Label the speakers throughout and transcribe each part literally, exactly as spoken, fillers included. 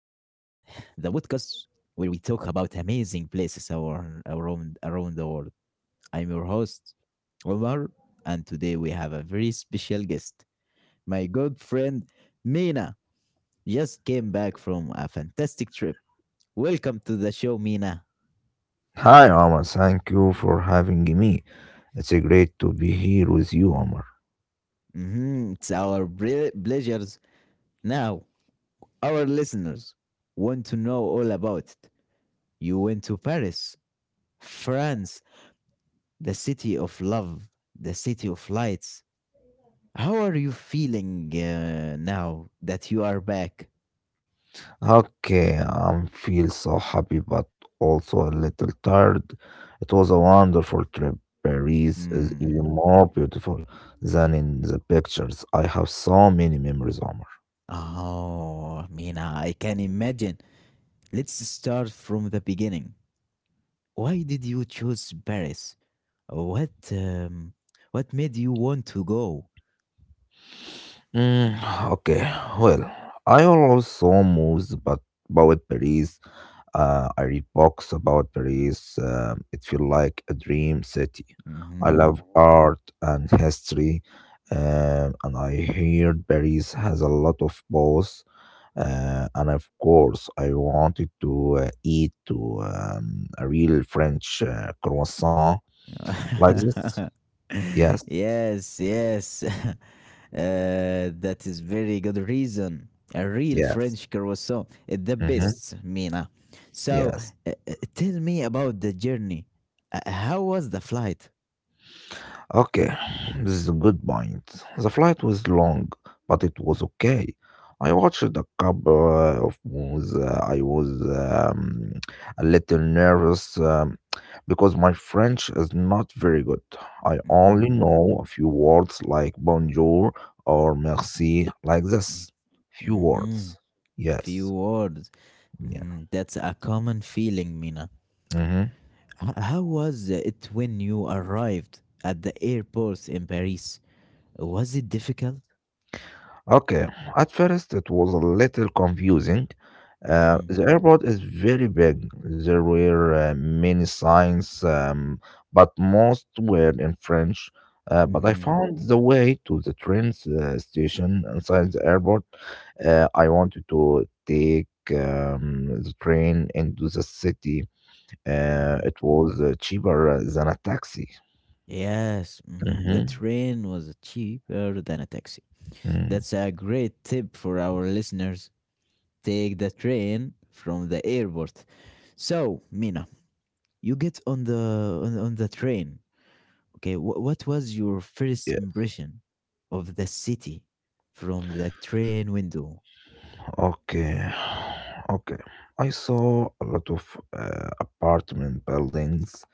Speaker 1: the podcast where we talk about amazing places our, around around the world. I'm your host, Omar, and today we have a very special guest. My good friend Mina just came back from a fantastic trip. Welcome to the show, Mina.
Speaker 2: Hi, Omar. Thank you for having me. It's great to be here with you, Omar.
Speaker 1: Mhm, it's our bre- pleasures. Now, our listeners want to know all about it. You went to Paris, France, the city of love, the city of lights. How are you feeling uh, now that you are back?
Speaker 2: Okay, I feel so happy but also a little tired. It was a wonderful trip. Paris is
Speaker 1: Mm.
Speaker 2: even more beautiful than in the pictures. I have so many memories, Omar.
Speaker 1: Oh, Mina, I can imagine. Let's start from the beginning. Why did you choose Paris? What um, what made you want to go?
Speaker 2: Mm, okay, well, I was so moved but about Paris. Uh, I read books about Paris. Um, it feels like a dream city. I love
Speaker 1: Mhm.
Speaker 2: art and history, um, and I heard Paris has a lot of both. Uh, and of course, I wanted to uh, eat to um, a real French uh, croissant like this. Yes,
Speaker 1: Yes, yes. Uh, that is very good reason. A real
Speaker 2: yes,
Speaker 1: French croissant is the
Speaker 2: hmm,
Speaker 1: best, Mina. So,
Speaker 2: yes.
Speaker 1: uh, uh, tell me about the journey. Uh, how was the flight?
Speaker 2: Okay, this is a good point. The flight was long, but it was okay. I watched a couple uh, of movies. Uh, I was um, a little nervous um, because my French is not very good. I only
Speaker 1: Mm-hmm.
Speaker 2: know a few words like bonjour or merci, like this. Few
Speaker 1: Mm-hmm.
Speaker 2: words.
Speaker 1: Few
Speaker 2: Yes.
Speaker 1: words.
Speaker 2: Yeah.
Speaker 1: Hmm, that's a common feeling, Mina.
Speaker 2: Mm-hmm.
Speaker 1: H- how was it when you arrived at the airport in Paris? Was it difficult?
Speaker 2: Okay, at first it was a little confusing. Uh,
Speaker 1: Mm-hmm.
Speaker 2: the airport is very big. There were uh, many signs, um, but most were in French. Uh, but I
Speaker 1: Mm-hmm.
Speaker 2: found the way to the train uh, station inside the airport. Uh, I wanted to take um, the train into the city. Uh,
Speaker 1: Mhm.
Speaker 2: it was uh, cheaper uh, than a taxi.
Speaker 1: Yes, mhm, the
Speaker 2: Mm-hmm.
Speaker 1: train was cheaper than a taxi.
Speaker 2: Mm.
Speaker 1: That's a great tip for our listeners. Take the train from the airport. So, Mina, you get on the on, on the train. Okay, wh- what was your first impression of the city from the train window?
Speaker 2: Okay, okay. I saw a lot of uh, apartment buildings.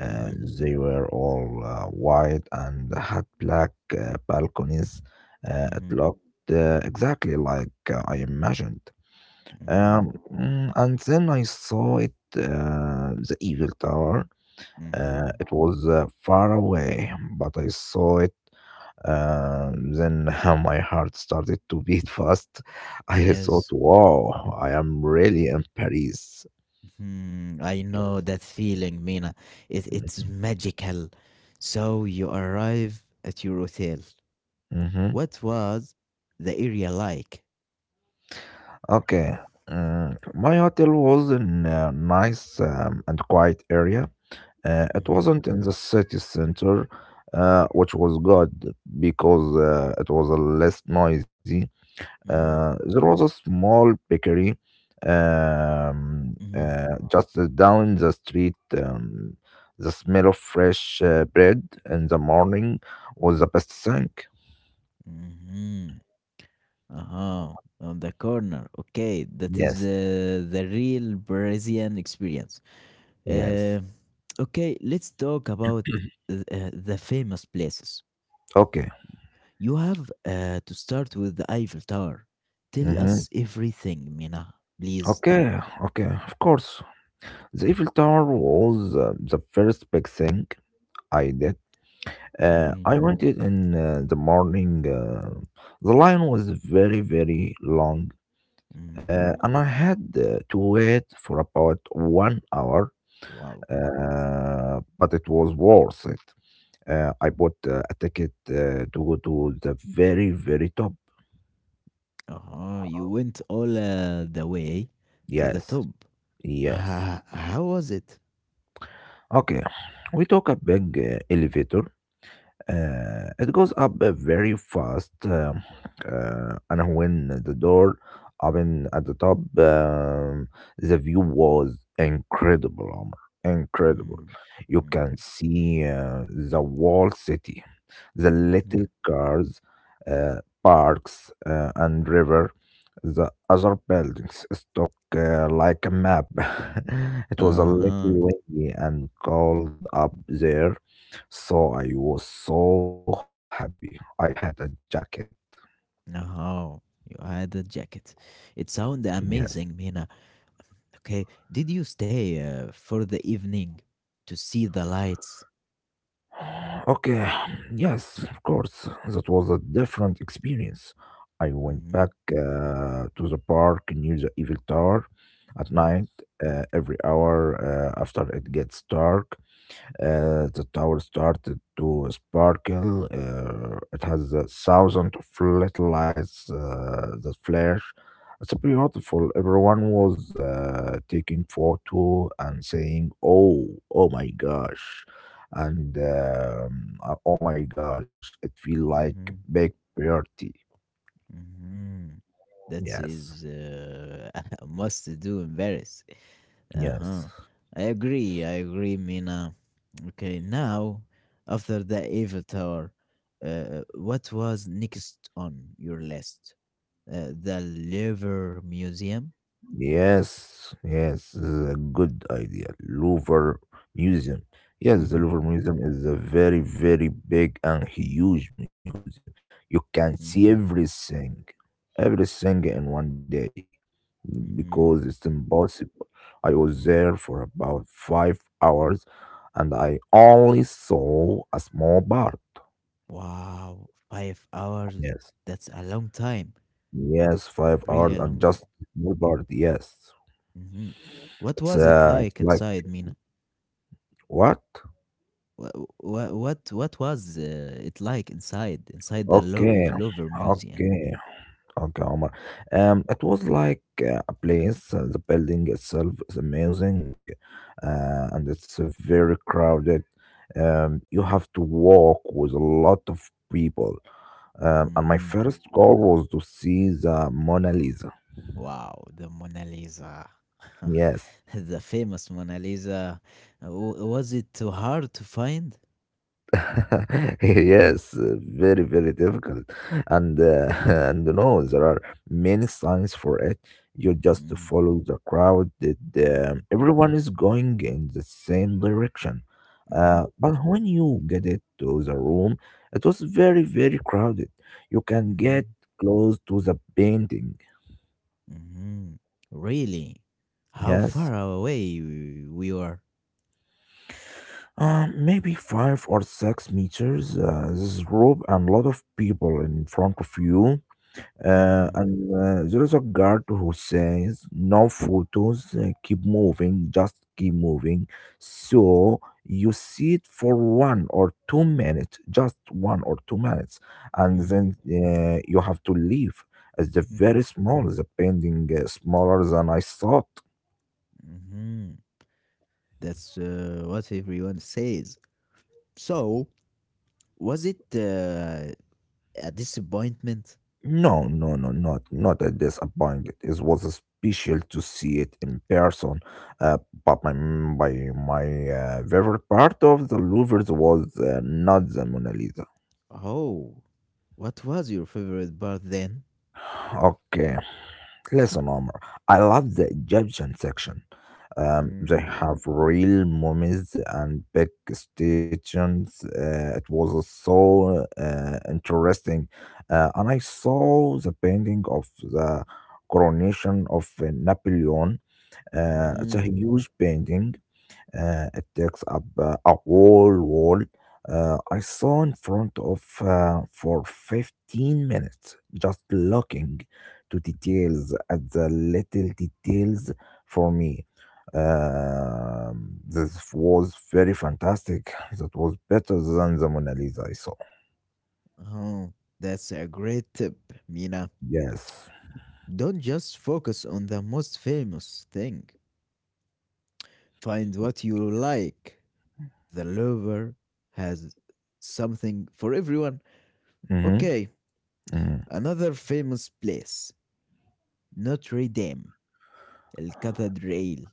Speaker 2: Uh,
Speaker 1: Mm-hmm,
Speaker 2: they were all uh, white and had black uh, balconies. Uh, it
Speaker 1: mm-hmm,
Speaker 2: looked uh, exactly like uh, I imagined.
Speaker 1: mm-hmm,
Speaker 2: Um, mm, and then I saw it, uh, the Evil Tower. Uh,
Speaker 1: mm-hmm.
Speaker 2: it was uh, far away, but I saw it, um, then my heart started to beat fast. I thought,
Speaker 1: Yes.
Speaker 2: wow, I am really in Paris.
Speaker 1: Hmm, I know
Speaker 2: Yes.
Speaker 1: that feeling, Mina. It, it's magical. So you arrive at your hotel.
Speaker 2: Mm-hmm.
Speaker 1: What was the area like?
Speaker 2: Okay. Mm, my hotel was in a nice um, and quiet area. Uh, it
Speaker 1: Mm-hmm,
Speaker 2: wasn't in the city center, uh, which was good because uh, it was uh, less noisy. Uh, there was a small bakery um,
Speaker 1: mm-hmm,
Speaker 2: uh, just uh, down the street. Um, the smell of fresh uh, bread in the morning was the best thing.
Speaker 1: mm-hmm. Uh-huh. On the corner. Okay, that is
Speaker 2: Yes,
Speaker 1: uh, the real Brazilian experience.
Speaker 2: yes.
Speaker 1: Uh, okay, let's talk about uh, the famous places.
Speaker 2: Okay.
Speaker 1: You have uh, to start with the Eiffel Tower. Tell
Speaker 2: hmm
Speaker 1: us everything, Mina, please.
Speaker 2: Okay, okay, of course. The Eiffel Tower was uh, the first big thing I did. Uh,
Speaker 1: Mm-mm.
Speaker 2: I went it in uh, the morning. Uh, the line was very, very long.
Speaker 1: Mm.
Speaker 2: Uh, and I had uh, to wait for about one hour,
Speaker 1: Wow.
Speaker 2: uh, but it was worth it. Uh, I bought uh, a ticket uh, to go to the very, very top.
Speaker 1: Uh-huh. You went all uh, the way to the
Speaker 2: Yes,
Speaker 1: top.
Speaker 2: yes.
Speaker 1: Ha- How was it?
Speaker 2: Okay, we took a big uh, elevator. Uh, it goes up uh, very fast. Um, uh, and when the door opened at the top, um, the view was incredible, Omar. Incredible.
Speaker 1: Mm.
Speaker 2: You can
Speaker 1: Mm.
Speaker 2: see uh, the whole city, the
Speaker 1: Mhm.
Speaker 2: little cars, uh, parks, uh, and river. The other buildings stuck uh, like a map. It was a little
Speaker 1: Uh-huh.
Speaker 2: windy and cold up there, so I was so happy. I had a jacket.
Speaker 1: Uh-huh. You had a jacket. It
Speaker 2: Yes.
Speaker 1: sounded amazing, Mina. Okay. Did you stay uh, for the evening to see the lights?
Speaker 2: Okay, yes, of course. That was a different experience. I went
Speaker 1: Mm-hmm.
Speaker 2: back uh, to the park near the Evil Tower at
Speaker 1: Mm-hmm.
Speaker 2: night, uh, every hour uh, after it gets dark. Uh, the tower started to sparkle. Uh, it has a thousand of little lights uh, that flash. It's beautiful. Everyone was uh, taking photo and saying, "Oh, oh my gosh," and um, uh, "Oh my gosh." It feel like
Speaker 1: Mm-hmm.
Speaker 2: big party.
Speaker 1: Mhm. That
Speaker 2: Yes,
Speaker 1: is uh, a must do in Paris. Uh huh.
Speaker 2: yes.
Speaker 1: I agree. I agree, Mina. Okay, now after the Eiffel Tower, uh, what was next on your list? Uh, the Louvre Museum.
Speaker 2: Yes, yes, this is a good idea. Louvre Museum. Yes, the
Speaker 1: Mm-hmm,
Speaker 2: Louvre Museum is a very, very big and huge museum. You can see
Speaker 1: mm-hmm,
Speaker 2: everything, everything in one day because
Speaker 1: mm-hmm,
Speaker 2: it's impossible. I was there
Speaker 1: mm.
Speaker 2: for about five hours and I only saw a small part.
Speaker 1: Wow, five hours.
Speaker 2: Yes,
Speaker 1: That's a long time.
Speaker 2: yes, five
Speaker 1: Really
Speaker 2: hours
Speaker 1: a
Speaker 2: and
Speaker 1: long.
Speaker 2: just small part. Yes,
Speaker 1: Mm-hmm. What
Speaker 2: it's,
Speaker 1: was it
Speaker 2: uh, it's
Speaker 1: like
Speaker 2: like
Speaker 1: inside, Mina?
Speaker 2: what?
Speaker 1: Wha wha what what was, uh, it like inside inside the Lou
Speaker 2: Okay,
Speaker 1: Louvre Museum?
Speaker 2: okay, okay, Omar. Um, it was like uh, a place. Uh, the building itself is amazing, uh, and it's uh, very crowded. Um, you have to walk with a lot of people. Um, and my
Speaker 1: Mhm.
Speaker 2: first goal was to see the Mona Lisa.
Speaker 1: Wow, the Mona Lisa.
Speaker 2: Yes,
Speaker 1: The famous Mona Lisa. W Was it too hard to find?
Speaker 2: yes, uh, very very difficult, and uh, and no, there are many signs for it. You just
Speaker 1: Mm.
Speaker 2: follow the crowd. That
Speaker 1: Mhm,
Speaker 2: um, everyone is going in the same direction,
Speaker 1: mhm,
Speaker 2: uh, but when you get it to the room, it was very very crowded. You can
Speaker 1: mhm,
Speaker 2: get close to the painting.
Speaker 1: mhm, mhm. Really? How
Speaker 2: Yes,
Speaker 1: far away w we were?
Speaker 2: uh, maybe five or six meters. Uh, there's rope and a lot of people in front of you. Uh,
Speaker 1: Mhm,
Speaker 2: and uh, There is a guard who says, "No photos, uh, keep moving, just keep moving." So you sit for one or two minutes, just one or two minutes, and then
Speaker 1: mhm,
Speaker 2: uh, you have to leave. It's the very
Speaker 1: mhm,
Speaker 2: small, the painting uh, smaller than I thought.
Speaker 1: mhm. That's, uh, what everyone says. So, was it, uh, a disappointment?
Speaker 2: No, no, no, not not at disappointed. It was special to see it in person. Uh, but my my my uh, favorite part of the Louvre was uh, not the Mona Lisa.
Speaker 1: Oh, what was your favorite part then?
Speaker 2: Okay, listen, Omar, I love the Egyptian section. Um, they
Speaker 1: Mm,
Speaker 2: have real mummies and big statues. Uh, it was so uh, interesting. Uh, and I saw the painting of the coronation of uh, Napoleon. Uh, it's a
Speaker 1: mhm.
Speaker 2: huge painting, uh, it takes up uh, a whole wall. Uh, I saw in front of uh, for fifteen minutes, just looking to details at the little details for me. Um, this was very fantastic. That was better than the Mona Lisa I saw.
Speaker 1: Oh, that's a great tip, Mina.
Speaker 2: Yes.
Speaker 1: Don't just focus on the most famous thing. Find what you like. The lover has something for everyone.
Speaker 2: Mm-hmm.
Speaker 1: Okay,
Speaker 2: Mm-hmm.
Speaker 1: another famous place, Notre Dame, El Cathedral.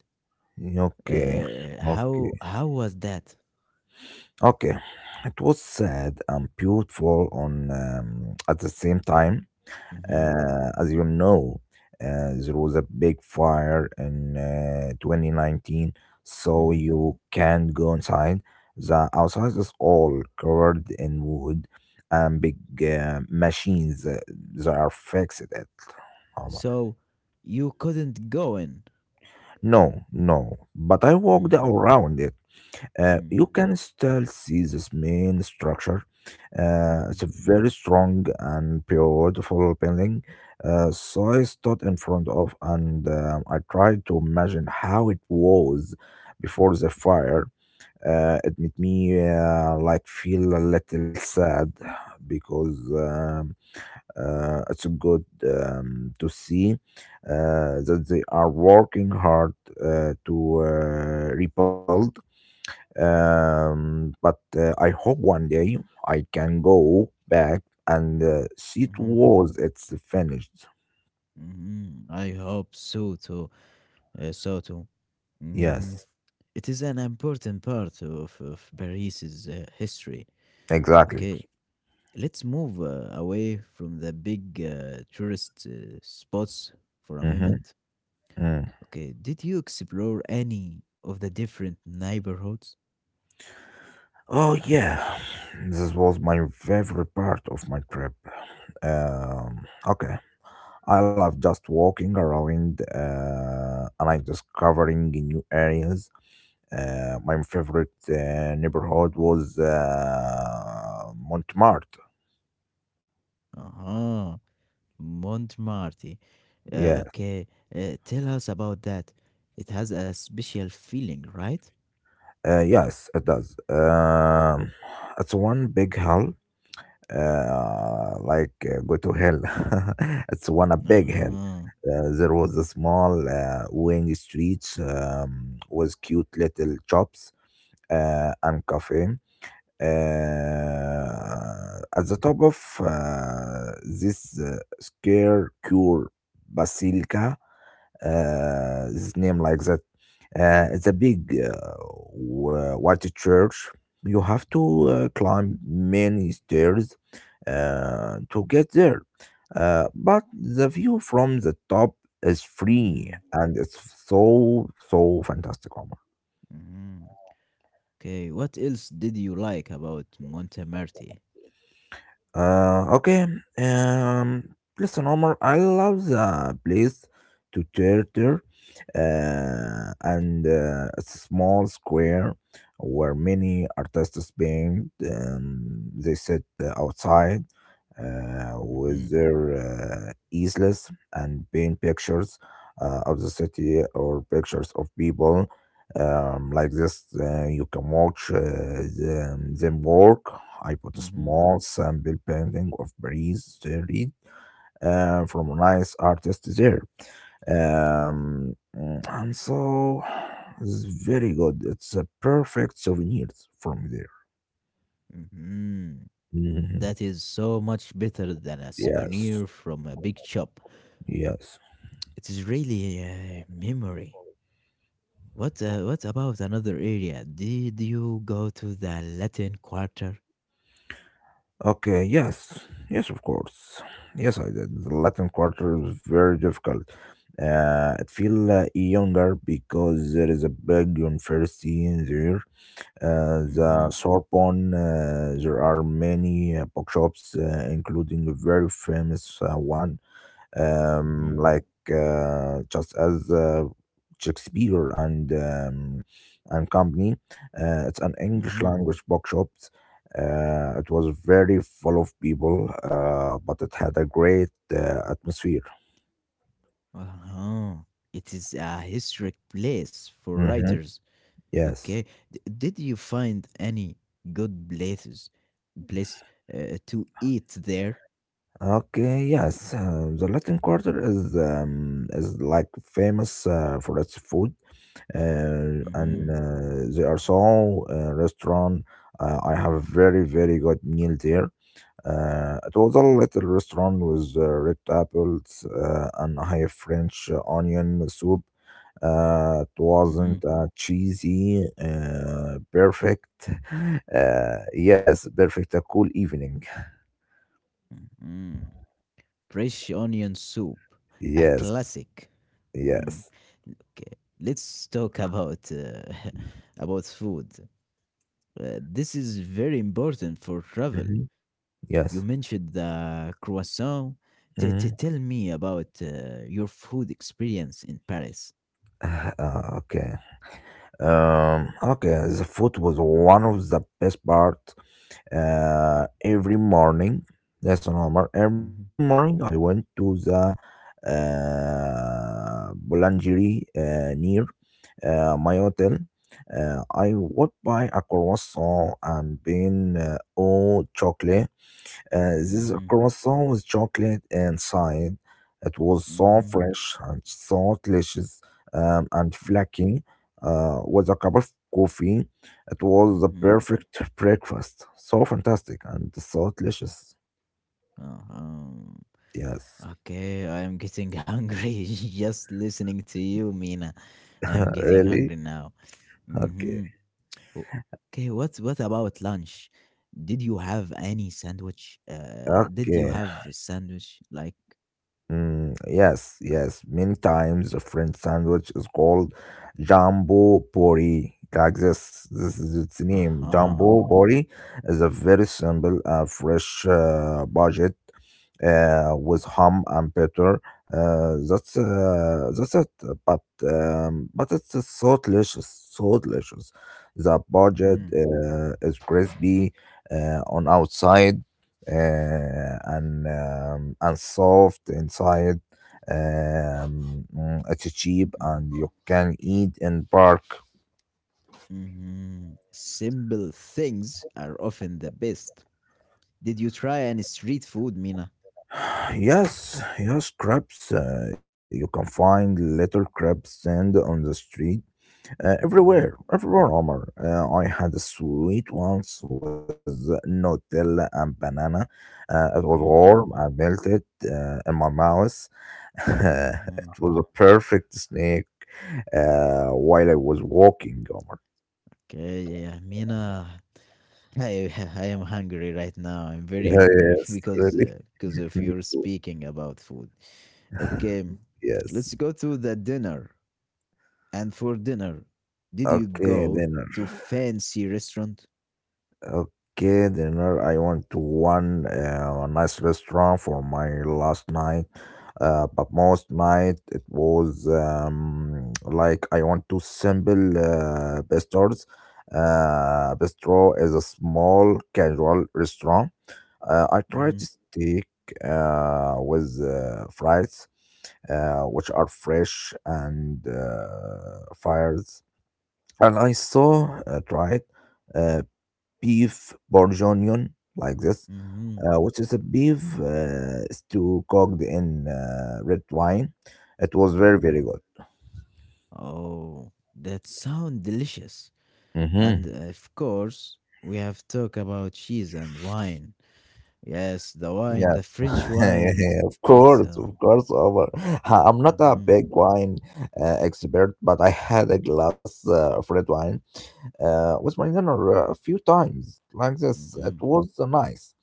Speaker 2: Okay.
Speaker 1: Uh,
Speaker 2: Okay.
Speaker 1: how how was that?
Speaker 2: Okay. It was sad and beautiful on, um, at the same time.
Speaker 1: Mm-hmm,
Speaker 2: Uh, as you know, uh, there was a big fire in uh, twenty nineteen, so
Speaker 1: mm-hmm.
Speaker 2: you can't go inside. The outside is all covered in wood and big uh, machines uh, that are fixed at Omar.
Speaker 1: So you couldn't go in.
Speaker 2: No, no, but I walked
Speaker 1: Mm,
Speaker 2: around it. Uh,
Speaker 1: mm,
Speaker 2: you can still see this main structure. Uh,
Speaker 1: mhm,
Speaker 2: it's a very strong and beautiful building. Uh, so I stood in front of and um, I tried to imagine how it was before the fire. Uh, it made me uh, like feel a little sad because um, uh, it's good um, to see uh, that they are working hard uh, to uh, rebuild, um, but uh, I hope one day I can go back and uh, see it
Speaker 1: mhm,
Speaker 2: was it's finished.
Speaker 1: mhm. I hope so too. Uh, so too. Mm,
Speaker 2: Yes,
Speaker 1: it is an important part of, of Paris's uh, history.
Speaker 2: exactly.
Speaker 1: Okay, let's move uh, away from the big uh, tourist uh, spots for a
Speaker 2: Mm-hmm.
Speaker 1: moment.
Speaker 2: Mm.
Speaker 1: Okay, did you explore any of the different neighborhoods?
Speaker 2: Oh yeah, this was my favorite part of my trip. Um, okay, I love just walking around uh, and like discovering new areas. Uh, my favorite uh, neighborhood was uh, Montmartre.
Speaker 1: Uh huh. Montmartre. Uh,
Speaker 2: Yes.
Speaker 1: okay, uh, tell us about that. It has a special feeling, right?
Speaker 2: Uh, yes, it does. Um, it's one big hell, uh, like uh, go to hell. It's one a big hell.
Speaker 1: Uh-huh.
Speaker 2: Uh, there was a small uh, wing street um, with cute little shops uh, and cafe. Uh, at the top of uh, this uh, square cure basilica, uh, his name like that, uh, it's a big uh, wh- white church. You have to uh, climb many stairs uh, to get there. Uh, but the view from the top is free
Speaker 1: Mm,
Speaker 2: and it's so, so fantastic, Omar.
Speaker 1: mhm. Okay, what else did you like about Montemarti?
Speaker 2: Uh, okay. Um, Listen, Omar, I love the place to turtle uh, and uh, it's a small square where many artists paint. Um, they sit uh, outside uh,
Speaker 1: Mm-hmm.
Speaker 2: with their uh, easels and paint pictures uh, of the city or pictures of people. Um, like this, uh, you can watch uh, them, them work. I put a
Speaker 1: Mm-hmm.
Speaker 2: small sample painting of Paris, Street, uh, from a nice artist there, um, and so it's very good. It's a perfect souvenirs from there.
Speaker 1: Mm-hmm.
Speaker 2: Mhm.
Speaker 1: That is so much better than a
Speaker 2: Yes,
Speaker 1: souvenir from a big shop.
Speaker 2: yes.
Speaker 1: It is really a memory. What uh, what about another area? Did you go to the Latin Quarter?
Speaker 2: Okay, yes, yes, of course. Yes, I did. The Latin Quarter is very difficult. Uh, it feel uh, younger because there is a big university in there. Uh, the
Speaker 1: Mm-hmm.
Speaker 2: Sorbonne, uh, there are many uh, bookshops, uh, including a very famous uh, one, um,
Speaker 1: Mm-hmm.
Speaker 2: like uh, just as uh, Shakespeare and um, and company. Uh, it's an English
Speaker 1: Mm-hmm.
Speaker 2: language bookshop. Uh, it was very full of people, uh, but it had a great uh, atmosphere.
Speaker 1: Uh-huh. It is a historic place for
Speaker 2: Mm-hmm.
Speaker 1: writers.
Speaker 2: Yes.
Speaker 1: Okay. D- did you find any good places place uh, to eat there?
Speaker 2: Okay. Yes. Uh, the Latin Quarter is um, is like famous uh, for its food, uh, and
Speaker 1: Mm-hmm.
Speaker 2: uh, there are so uh, restaurant. Uh, I have a very very good meal there. Uh, it was a little restaurant with uh, red apples uh, and a high French onion soup. Uh, it
Speaker 1: Mm-hmm.
Speaker 2: wasn't uh, cheesy, uh, perfect. Uh, yes, perfect. A cool evening.
Speaker 1: Mm-hmm. Fresh onion soup, a
Speaker 2: Yes,
Speaker 1: classic. Mm.
Speaker 2: yes,
Speaker 1: Okay. Let's talk about uh, about food. Uh, this is very important for travel.
Speaker 2: hmm,
Speaker 1: You mentioned
Speaker 2: yes.
Speaker 1: the croissant. T- t- tell
Speaker 2: hmm
Speaker 1: me about uh, your food experience in Paris.
Speaker 2: Uh, okay. Um, okay. The food was one of the best part. Uh, every morning. That's normal. Every
Speaker 1: Mhm,
Speaker 2: morning I went to the uh, boulangerie uh, near uh, my hotel. Uh, I would buy a croissant and bean uh, or chocolate, uh, this
Speaker 1: mhm,
Speaker 2: croissant with chocolate inside. It was so
Speaker 1: mhm,
Speaker 2: fresh and so delicious, um, and
Speaker 1: mm,
Speaker 2: flaky, uh, with a cup of coffee. It was the
Speaker 1: mhm.
Speaker 2: perfect breakfast. So fantastic and so delicious.
Speaker 1: Uh-huh.
Speaker 2: Yes,
Speaker 1: Okay, I am getting hungry just listening to you, Mina. I am getting
Speaker 2: really?
Speaker 1: hungry now. Hmm.
Speaker 2: Okay.
Speaker 1: Okay, what what about lunch? Did you have any sandwich? Uh, did you
Speaker 2: Okay.
Speaker 1: have a sandwich like?
Speaker 2: Mm, yes, yes. Many times the French sandwich is called jumbo pori. Like this, this is its name.
Speaker 1: Aha.
Speaker 2: Jumbo pori is a very simple, uh, fresh uh, budget uh, with ham and butter. Uh, that's uh, that's it. But um, but it's uh, so delicious, so delicious. The budget
Speaker 1: Mhm.
Speaker 2: uh, is crispy uh, on outside uh, and um, and soft inside. Um, mm, it's cheap
Speaker 1: Mhm.
Speaker 2: and you can eat in park.
Speaker 1: Mhm. Simple things are often the best. Did you try any street food, Mina?
Speaker 2: Yes, yes, crabs. Uh, you can find little crab stand on the street uh, everywhere,
Speaker 1: Mhm.
Speaker 2: everywhere, Omar. Uh, I had a sweet once with Nutella and banana. Uh, it was
Speaker 1: Mhm.
Speaker 2: warm and melted uh, in my mouth. it
Speaker 1: Mhm.
Speaker 2: was a perfect snack uh, while I was walking, Omar.
Speaker 1: Okay, yeah, yeah, Mina. I I am hungry right now. I'm very hungry
Speaker 2: Yes,
Speaker 1: because
Speaker 2: really.
Speaker 1: uh, because of
Speaker 2: Me
Speaker 1: your
Speaker 2: too.
Speaker 1: speaking about food. Okay,
Speaker 2: Yes.
Speaker 1: let's go to the dinner. And for dinner, did you
Speaker 2: Okay,
Speaker 1: go
Speaker 2: dinner.
Speaker 1: to fancy restaurant?
Speaker 2: Okay, dinner. I went to one uh, a nice restaurant for my last night. Uh, but most night it was um, like I want to simple uh, bistros. Uh, bistro is a small casual restaurant. Uh, I
Speaker 1: Hmm.
Speaker 2: tried steak uh, with uh, fries, uh, which are fresh and uh, fires. And I saw uh, tried uh, beef bourguignon like this,
Speaker 1: Mm-hmm.
Speaker 2: uh, which is a beef uh, stew cooked in uh, red wine. It was very
Speaker 1: Mm-hmm.
Speaker 2: very good.
Speaker 1: Oh, that sound delicious. And
Speaker 2: Hmm
Speaker 1: uh, of course, we have talk about cheese and wine. Yes, the wine, the
Speaker 2: Yes,
Speaker 1: French wine.
Speaker 2: of
Speaker 1: It's
Speaker 2: course,
Speaker 1: uh,
Speaker 2: of course. Omar. I'm not a
Speaker 1: mm-hmm,
Speaker 2: big wine uh, expert, but I had a glass uh, of red wine uh, with my dinner a few times like this.
Speaker 1: mm-hmm,
Speaker 2: It was nice.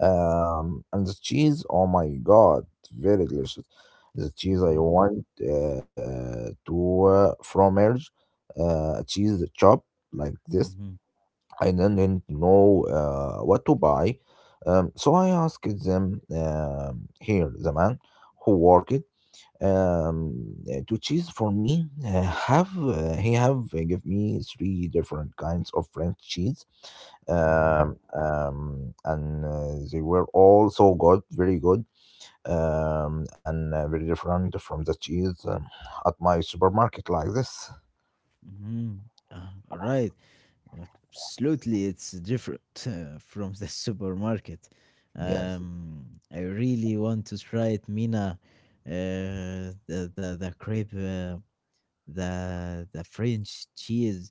Speaker 2: Um, and the cheese, oh my God, very delicious. The cheese I
Speaker 1: mm-hmm,
Speaker 2: want uh, to uh, fromage, uh, cheese chop like this.
Speaker 1: mm-hmm,
Speaker 2: I didn't know uh, what to buy. Um, so I asked them um, here, the man who worked um, uh, to choose for me uh, have uh, he have uh, give me three different kinds of french cheese,
Speaker 1: mm-hmm,
Speaker 2: um, um, and uh, they were all so good, very good, um, and uh, very different from the cheese um, at my supermarket like this.
Speaker 1: mm-hmm. Uh, right. Absolutely, it's different uh, from the supermarket.
Speaker 2: Yes,
Speaker 1: Um, I really want to try it, Mina. Uh, the the the crepe. Uh, the the French cheese.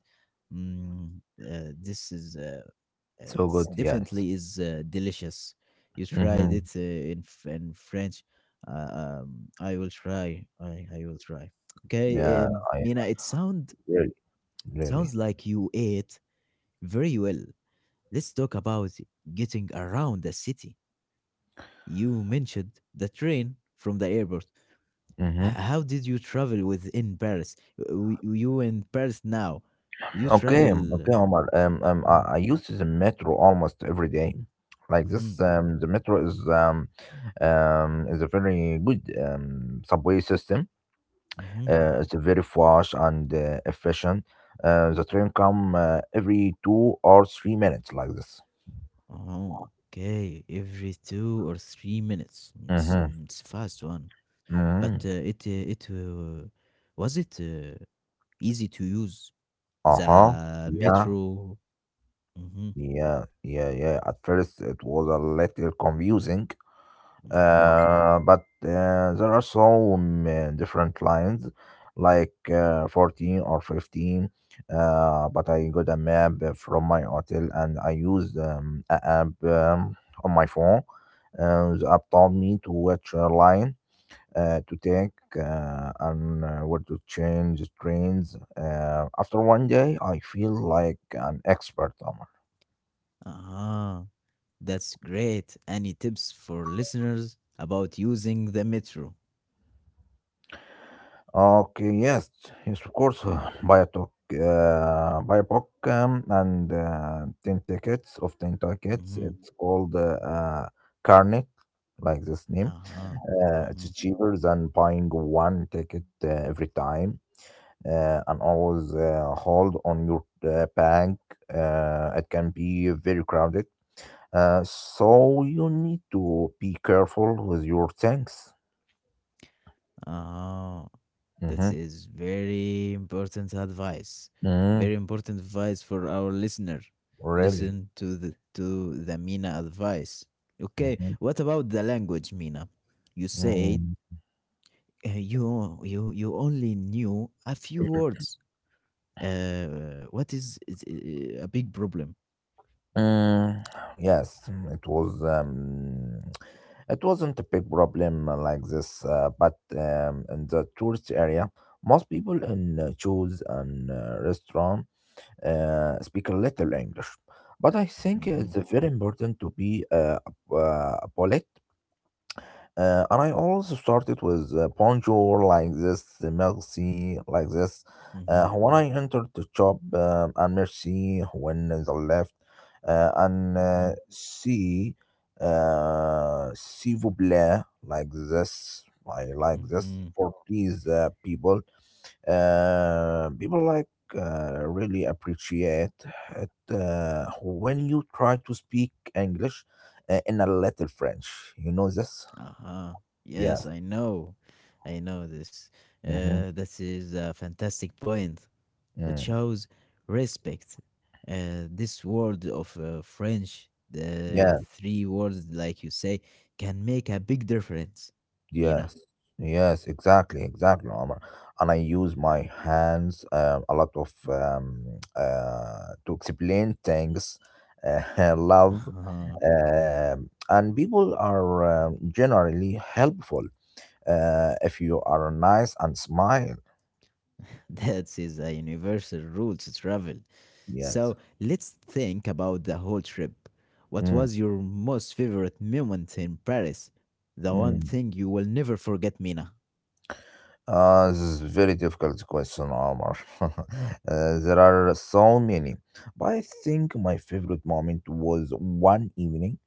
Speaker 1: Mm, uh, this is uh,
Speaker 2: so
Speaker 1: It's
Speaker 2: good. Yes.
Speaker 1: definitely is uh, delicious. You tried
Speaker 2: Mm-hmm.
Speaker 1: it uh, in F- in French. Uh, um, I will try. I I will try.
Speaker 2: yeah
Speaker 1: Okay, um,
Speaker 2: i
Speaker 1: Mina. It sound
Speaker 2: really really
Speaker 1: sounds like you ate very well. Let's talk about getting around the city. You mentioned the train from the airport.
Speaker 2: mm-hmm.
Speaker 1: H- How did you travel within Paris? W- You in Paris now? You
Speaker 2: Okay,
Speaker 1: travel?
Speaker 2: okay, Omar. Um, um, I,
Speaker 1: Mm,
Speaker 2: I use the metro almost every day. Like this,
Speaker 1: mhm,
Speaker 2: um, the metro is um, um, is a very good um, subway system.
Speaker 1: mhm.
Speaker 2: Uh, it's very fast and uh, efficient. Uh, the train come uh, every two or three minutes, like this.
Speaker 1: Oh, okay. Every two or three minutes. It's
Speaker 2: Mm-hmm.
Speaker 1: um, it's fast one, but uh,
Speaker 2: Mm-hmm.
Speaker 1: it uh, it uh, was it uh, easy to use
Speaker 2: Uh-huh.
Speaker 1: the
Speaker 2: Yeah.
Speaker 1: metro. Mm-hmm,
Speaker 2: Yeah. Yeah. Yeah. At first, it was a little confusing.
Speaker 1: mm-hmm.
Speaker 2: Uh, but uh, There are some uh, different lines like uh, fourteen or fifteen, uh, but i got a map from my hotel and I used um, a app um, on my phone, and the app told me to which uh, line uh, to take, uh, and uh, where to change trains. Uh, after one day I feel like an expert, Omar.
Speaker 1: Ah, that's great. Any tips for listeners about using the metro?
Speaker 2: Okay, yes, yes, of course. uh, Buy a Biotech, uh, buy Biopoc, um, and uh, ten tickets of ten tickets.
Speaker 1: Mm-hmm.
Speaker 2: It's called uh, uh, Carnet, like this name.
Speaker 1: Uh-huh.
Speaker 2: Uh, it's
Speaker 1: Mhm.
Speaker 2: cheaper than buying one ticket uh, every time, uh, and always uh, hold on your uh, bank. Uh, it can be very crowded, uh, so you need to be careful with your things.
Speaker 1: Ah, that
Speaker 2: Mm-hmm.
Speaker 1: is very important advice.
Speaker 2: Mm-hmm.
Speaker 1: Very important advice for our listener.
Speaker 2: Really.
Speaker 1: Listen to the to the Mina advice. Okay,
Speaker 2: Mm-hmm.
Speaker 1: what about the language, Mina? You say
Speaker 2: Mm-hmm.
Speaker 1: uh, you you you only knew a few words. Uh, what is, is uh, a big problem?
Speaker 2: Mm, yes, mm, it was. Um, it wasn't a big problem uh, like this, uh, but um, in the tourist area, most people in uh, shows and uh, restaurant uh, speak a little English. But I think
Speaker 1: Mhm,
Speaker 2: it's very important to be uh, uh, polite. Uh, and I also started with uh, bonjour like this, uh, merci like this. Uh,
Speaker 1: mhm,
Speaker 2: when I entered the shop, um, and merci when the left, uh, and uh,
Speaker 1: mhm,
Speaker 2: see, uh, s'il vous plaît like this. I like this
Speaker 1: mhm.
Speaker 2: for please uh, people. Uh, people like uh, really appreciate it uh, when you try to speak English uh, in a little French. You know this,
Speaker 1: Uh-huh.
Speaker 2: yeah.
Speaker 1: Yes, I know. I know this.
Speaker 2: Mm-hmm.
Speaker 1: Uh, this is a fantastic point. It
Speaker 2: Mm.
Speaker 1: shows respect. Uh, this word of uh, French, the
Speaker 2: Yes,
Speaker 1: three words, like you say, can make a big difference, Mina.
Speaker 2: yes, yes, exactly, exactly, Omar. And I use my hands um, a lot of um, uh, to explain things, uh, love, um, and people are um, generally helpful uh, if you are nice and smile.
Speaker 1: That is a universal rule to travel.
Speaker 2: Yes.
Speaker 1: So let's think about the whole trip. What
Speaker 2: Mm,
Speaker 1: was your most favorite moment in Paris? The one
Speaker 2: mm.
Speaker 1: thing you will never forget, Mina.
Speaker 2: Uh, this is very difficult question, Omar. Uh, there are so many, but I think my favorite moment was one evening.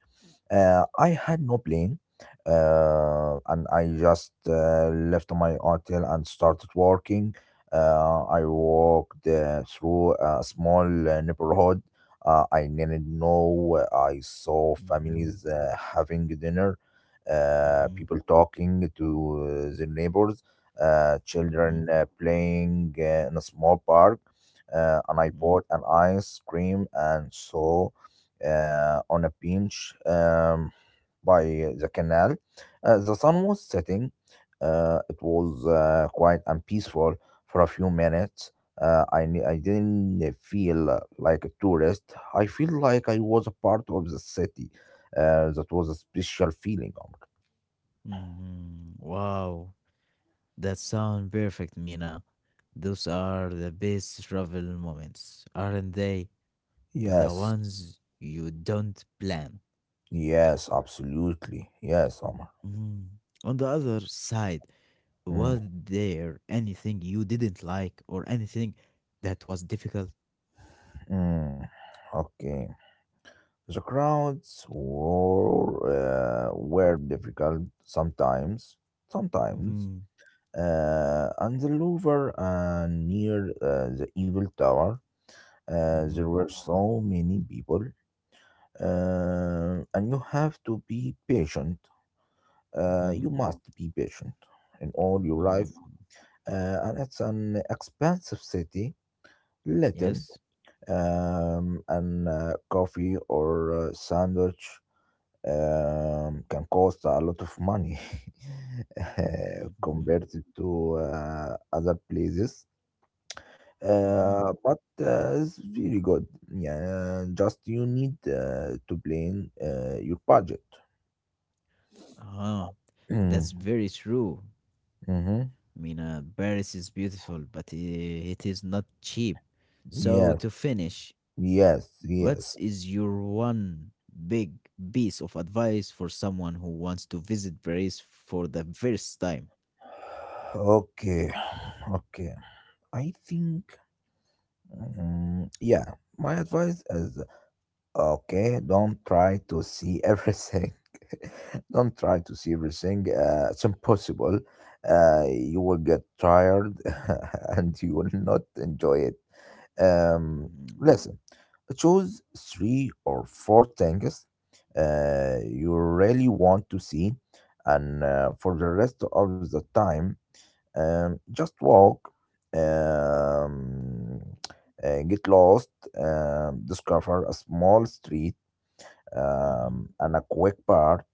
Speaker 2: uh, I had no plan, uh, and I just uh, left my hotel and started walking. Uh, I walked uh, through a small uh, neighborhood. Uh, I didn't know. uh, I saw
Speaker 1: Mhm,
Speaker 2: families uh, having dinner, uh,
Speaker 1: mhm,
Speaker 2: people talking to uh, their neighbors, uh,
Speaker 1: mhm,
Speaker 2: children uh, playing uh, in a small park. Uh, and I bought
Speaker 1: mhm,
Speaker 2: an ice cream and saw uh, on a bench um, by the canal. Uh, the sun was setting. Uh, it was uh, quiet and peaceful for a few minutes. Uh, I, ne- I didn't feel like a tourist. I feel like I was a part of the city. Uh, that was a special feeling, Omar.
Speaker 1: mhm. Wow, that sound perfect, Mina. Those are the best travel moments, aren't they? The
Speaker 2: Yes.
Speaker 1: ones you don't plan.
Speaker 2: Yes, absolutely. Yes, Omar.
Speaker 1: Mhm. On the other side,
Speaker 2: Mm,
Speaker 1: was there anything you didn't like or anything that was difficult?
Speaker 2: mm. Okay. The crowds were, uh, were difficult sometimes, sometimes.
Speaker 1: Mhm,
Speaker 2: Uh, and the Louvre uh, near uh, the Eiffel Tower, uh, there
Speaker 1: mhm,
Speaker 2: were so many people. Uh, and you have to be patient. Uh,
Speaker 1: mhm,
Speaker 2: you must be patient in all your life.
Speaker 1: mhm.
Speaker 2: Uh, and it's an expensive city, little.
Speaker 1: Yes.
Speaker 2: Um, and uh, Coffee or a sandwich um, can cost a lot of money, uh,
Speaker 1: Mhm,
Speaker 2: compared to uh, other places.
Speaker 1: mhm.
Speaker 2: Uh, but uh, It's very good. Yeah, just you need uh, to plan uh, your budget.
Speaker 1: Uh-huh. That's very true.
Speaker 2: Mm, mm-hmm.
Speaker 1: Mina, Paris is beautiful, but i- it is not cheap. So,
Speaker 2: Yes,
Speaker 1: to finish,
Speaker 2: yes,
Speaker 1: what
Speaker 2: yes.
Speaker 1: is your one big piece of advice for someone who wants to visit Paris for the first time?
Speaker 2: Okay, okay. I think, mm, yeah, my advice is, okay, don't try to see everything. don't try to see everything. Uh, it's impossible. Uh, you will get tired. and you will not enjoy it. Um,
Speaker 1: Mhm,
Speaker 2: Listen, choose three or four things uh, you really want to see, and uh, for the rest of the time, um, just walk, um, uh, get lost, um, discover a small street
Speaker 1: mhm,
Speaker 2: um, and a quick part,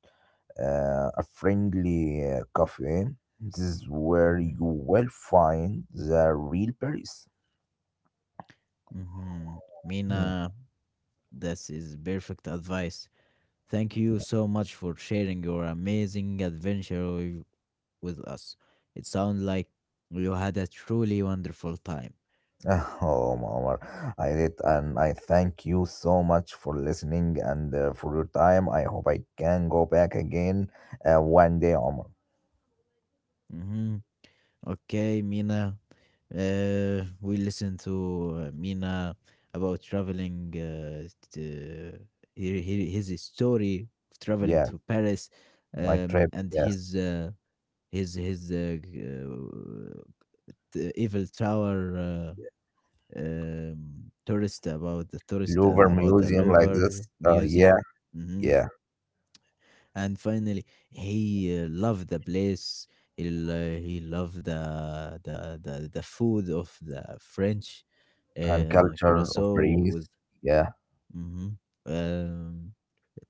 Speaker 2: uh, a friendly uh, cafe. This is where you
Speaker 1: mhm,
Speaker 2: will find the real Paris.
Speaker 1: mhm.
Speaker 2: Mm.
Speaker 1: Mina, this is perfect advice. Thank you so much for sharing your amazing adventure wi- with us. It sounds like you had a truly wonderful time.
Speaker 2: Oh, Omar, I did, and I thank you so much for listening and uh, for your time. I hope I can go back again uh, one day, Omar.
Speaker 1: Hmm. Okay, Mina. Uh, we listened to uh, Mina about traveling, uh, to, he- he- his story of traveling
Speaker 2: Yeah.
Speaker 1: to Paris,
Speaker 2: My
Speaker 1: um,
Speaker 2: trip,
Speaker 1: and
Speaker 2: yes.
Speaker 1: his uh, his his uh, g- uh, t- Eiffel Tower uh, um, tourist about the tourist and
Speaker 2: Louvre
Speaker 1: about the
Speaker 2: Museum like
Speaker 1: Louvre
Speaker 2: this. Uh,
Speaker 1: Museum.
Speaker 2: yeah,
Speaker 1: Mhm.
Speaker 2: yeah.
Speaker 1: And finally, he uh, loved the place. He, lo- he loved the, the the the food of the French
Speaker 2: And
Speaker 1: uh,
Speaker 2: culture of
Speaker 1: croissant with.
Speaker 2: Paris. Yeah.
Speaker 1: Mhm. Um,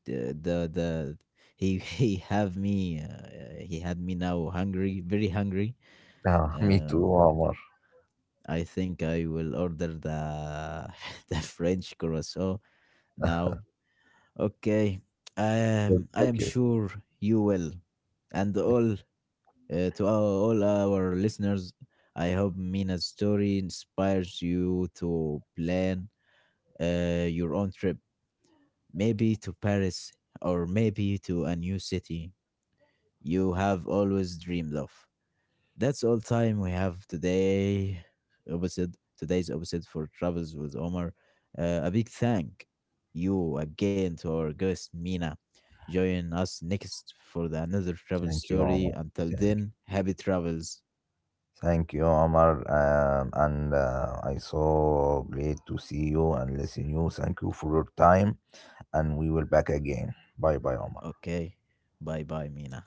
Speaker 1: the, the the He he have me uh, he had me now hungry, very hungry.
Speaker 2: Uh, me too,
Speaker 1: Um,
Speaker 2: Omar.
Speaker 1: I think I will order the the French croissant now, okay,
Speaker 2: Good
Speaker 1: um, I am
Speaker 2: chocolate.
Speaker 1: sure you will, and all uh, to our, all our listeners. I hope Mina's story inspires you to plan uh, your own trip, maybe to Paris or maybe to a new city you have always dreamed of. That's all time we have today. Episode Today's episode for Travels with Omar. Uh, a big thank you again to our guest Mina. Join us next for the another travel
Speaker 2: Thank you,
Speaker 1: story.
Speaker 2: Omar.
Speaker 1: Until
Speaker 2: Thank you.
Speaker 1: then, happy travels.
Speaker 2: Thank you, Omar. Um, and uh, I so great to see you and listen you. Thank you for your time. And we will back again. Bye bye, Omar.
Speaker 1: Okay, bye bye, Mina.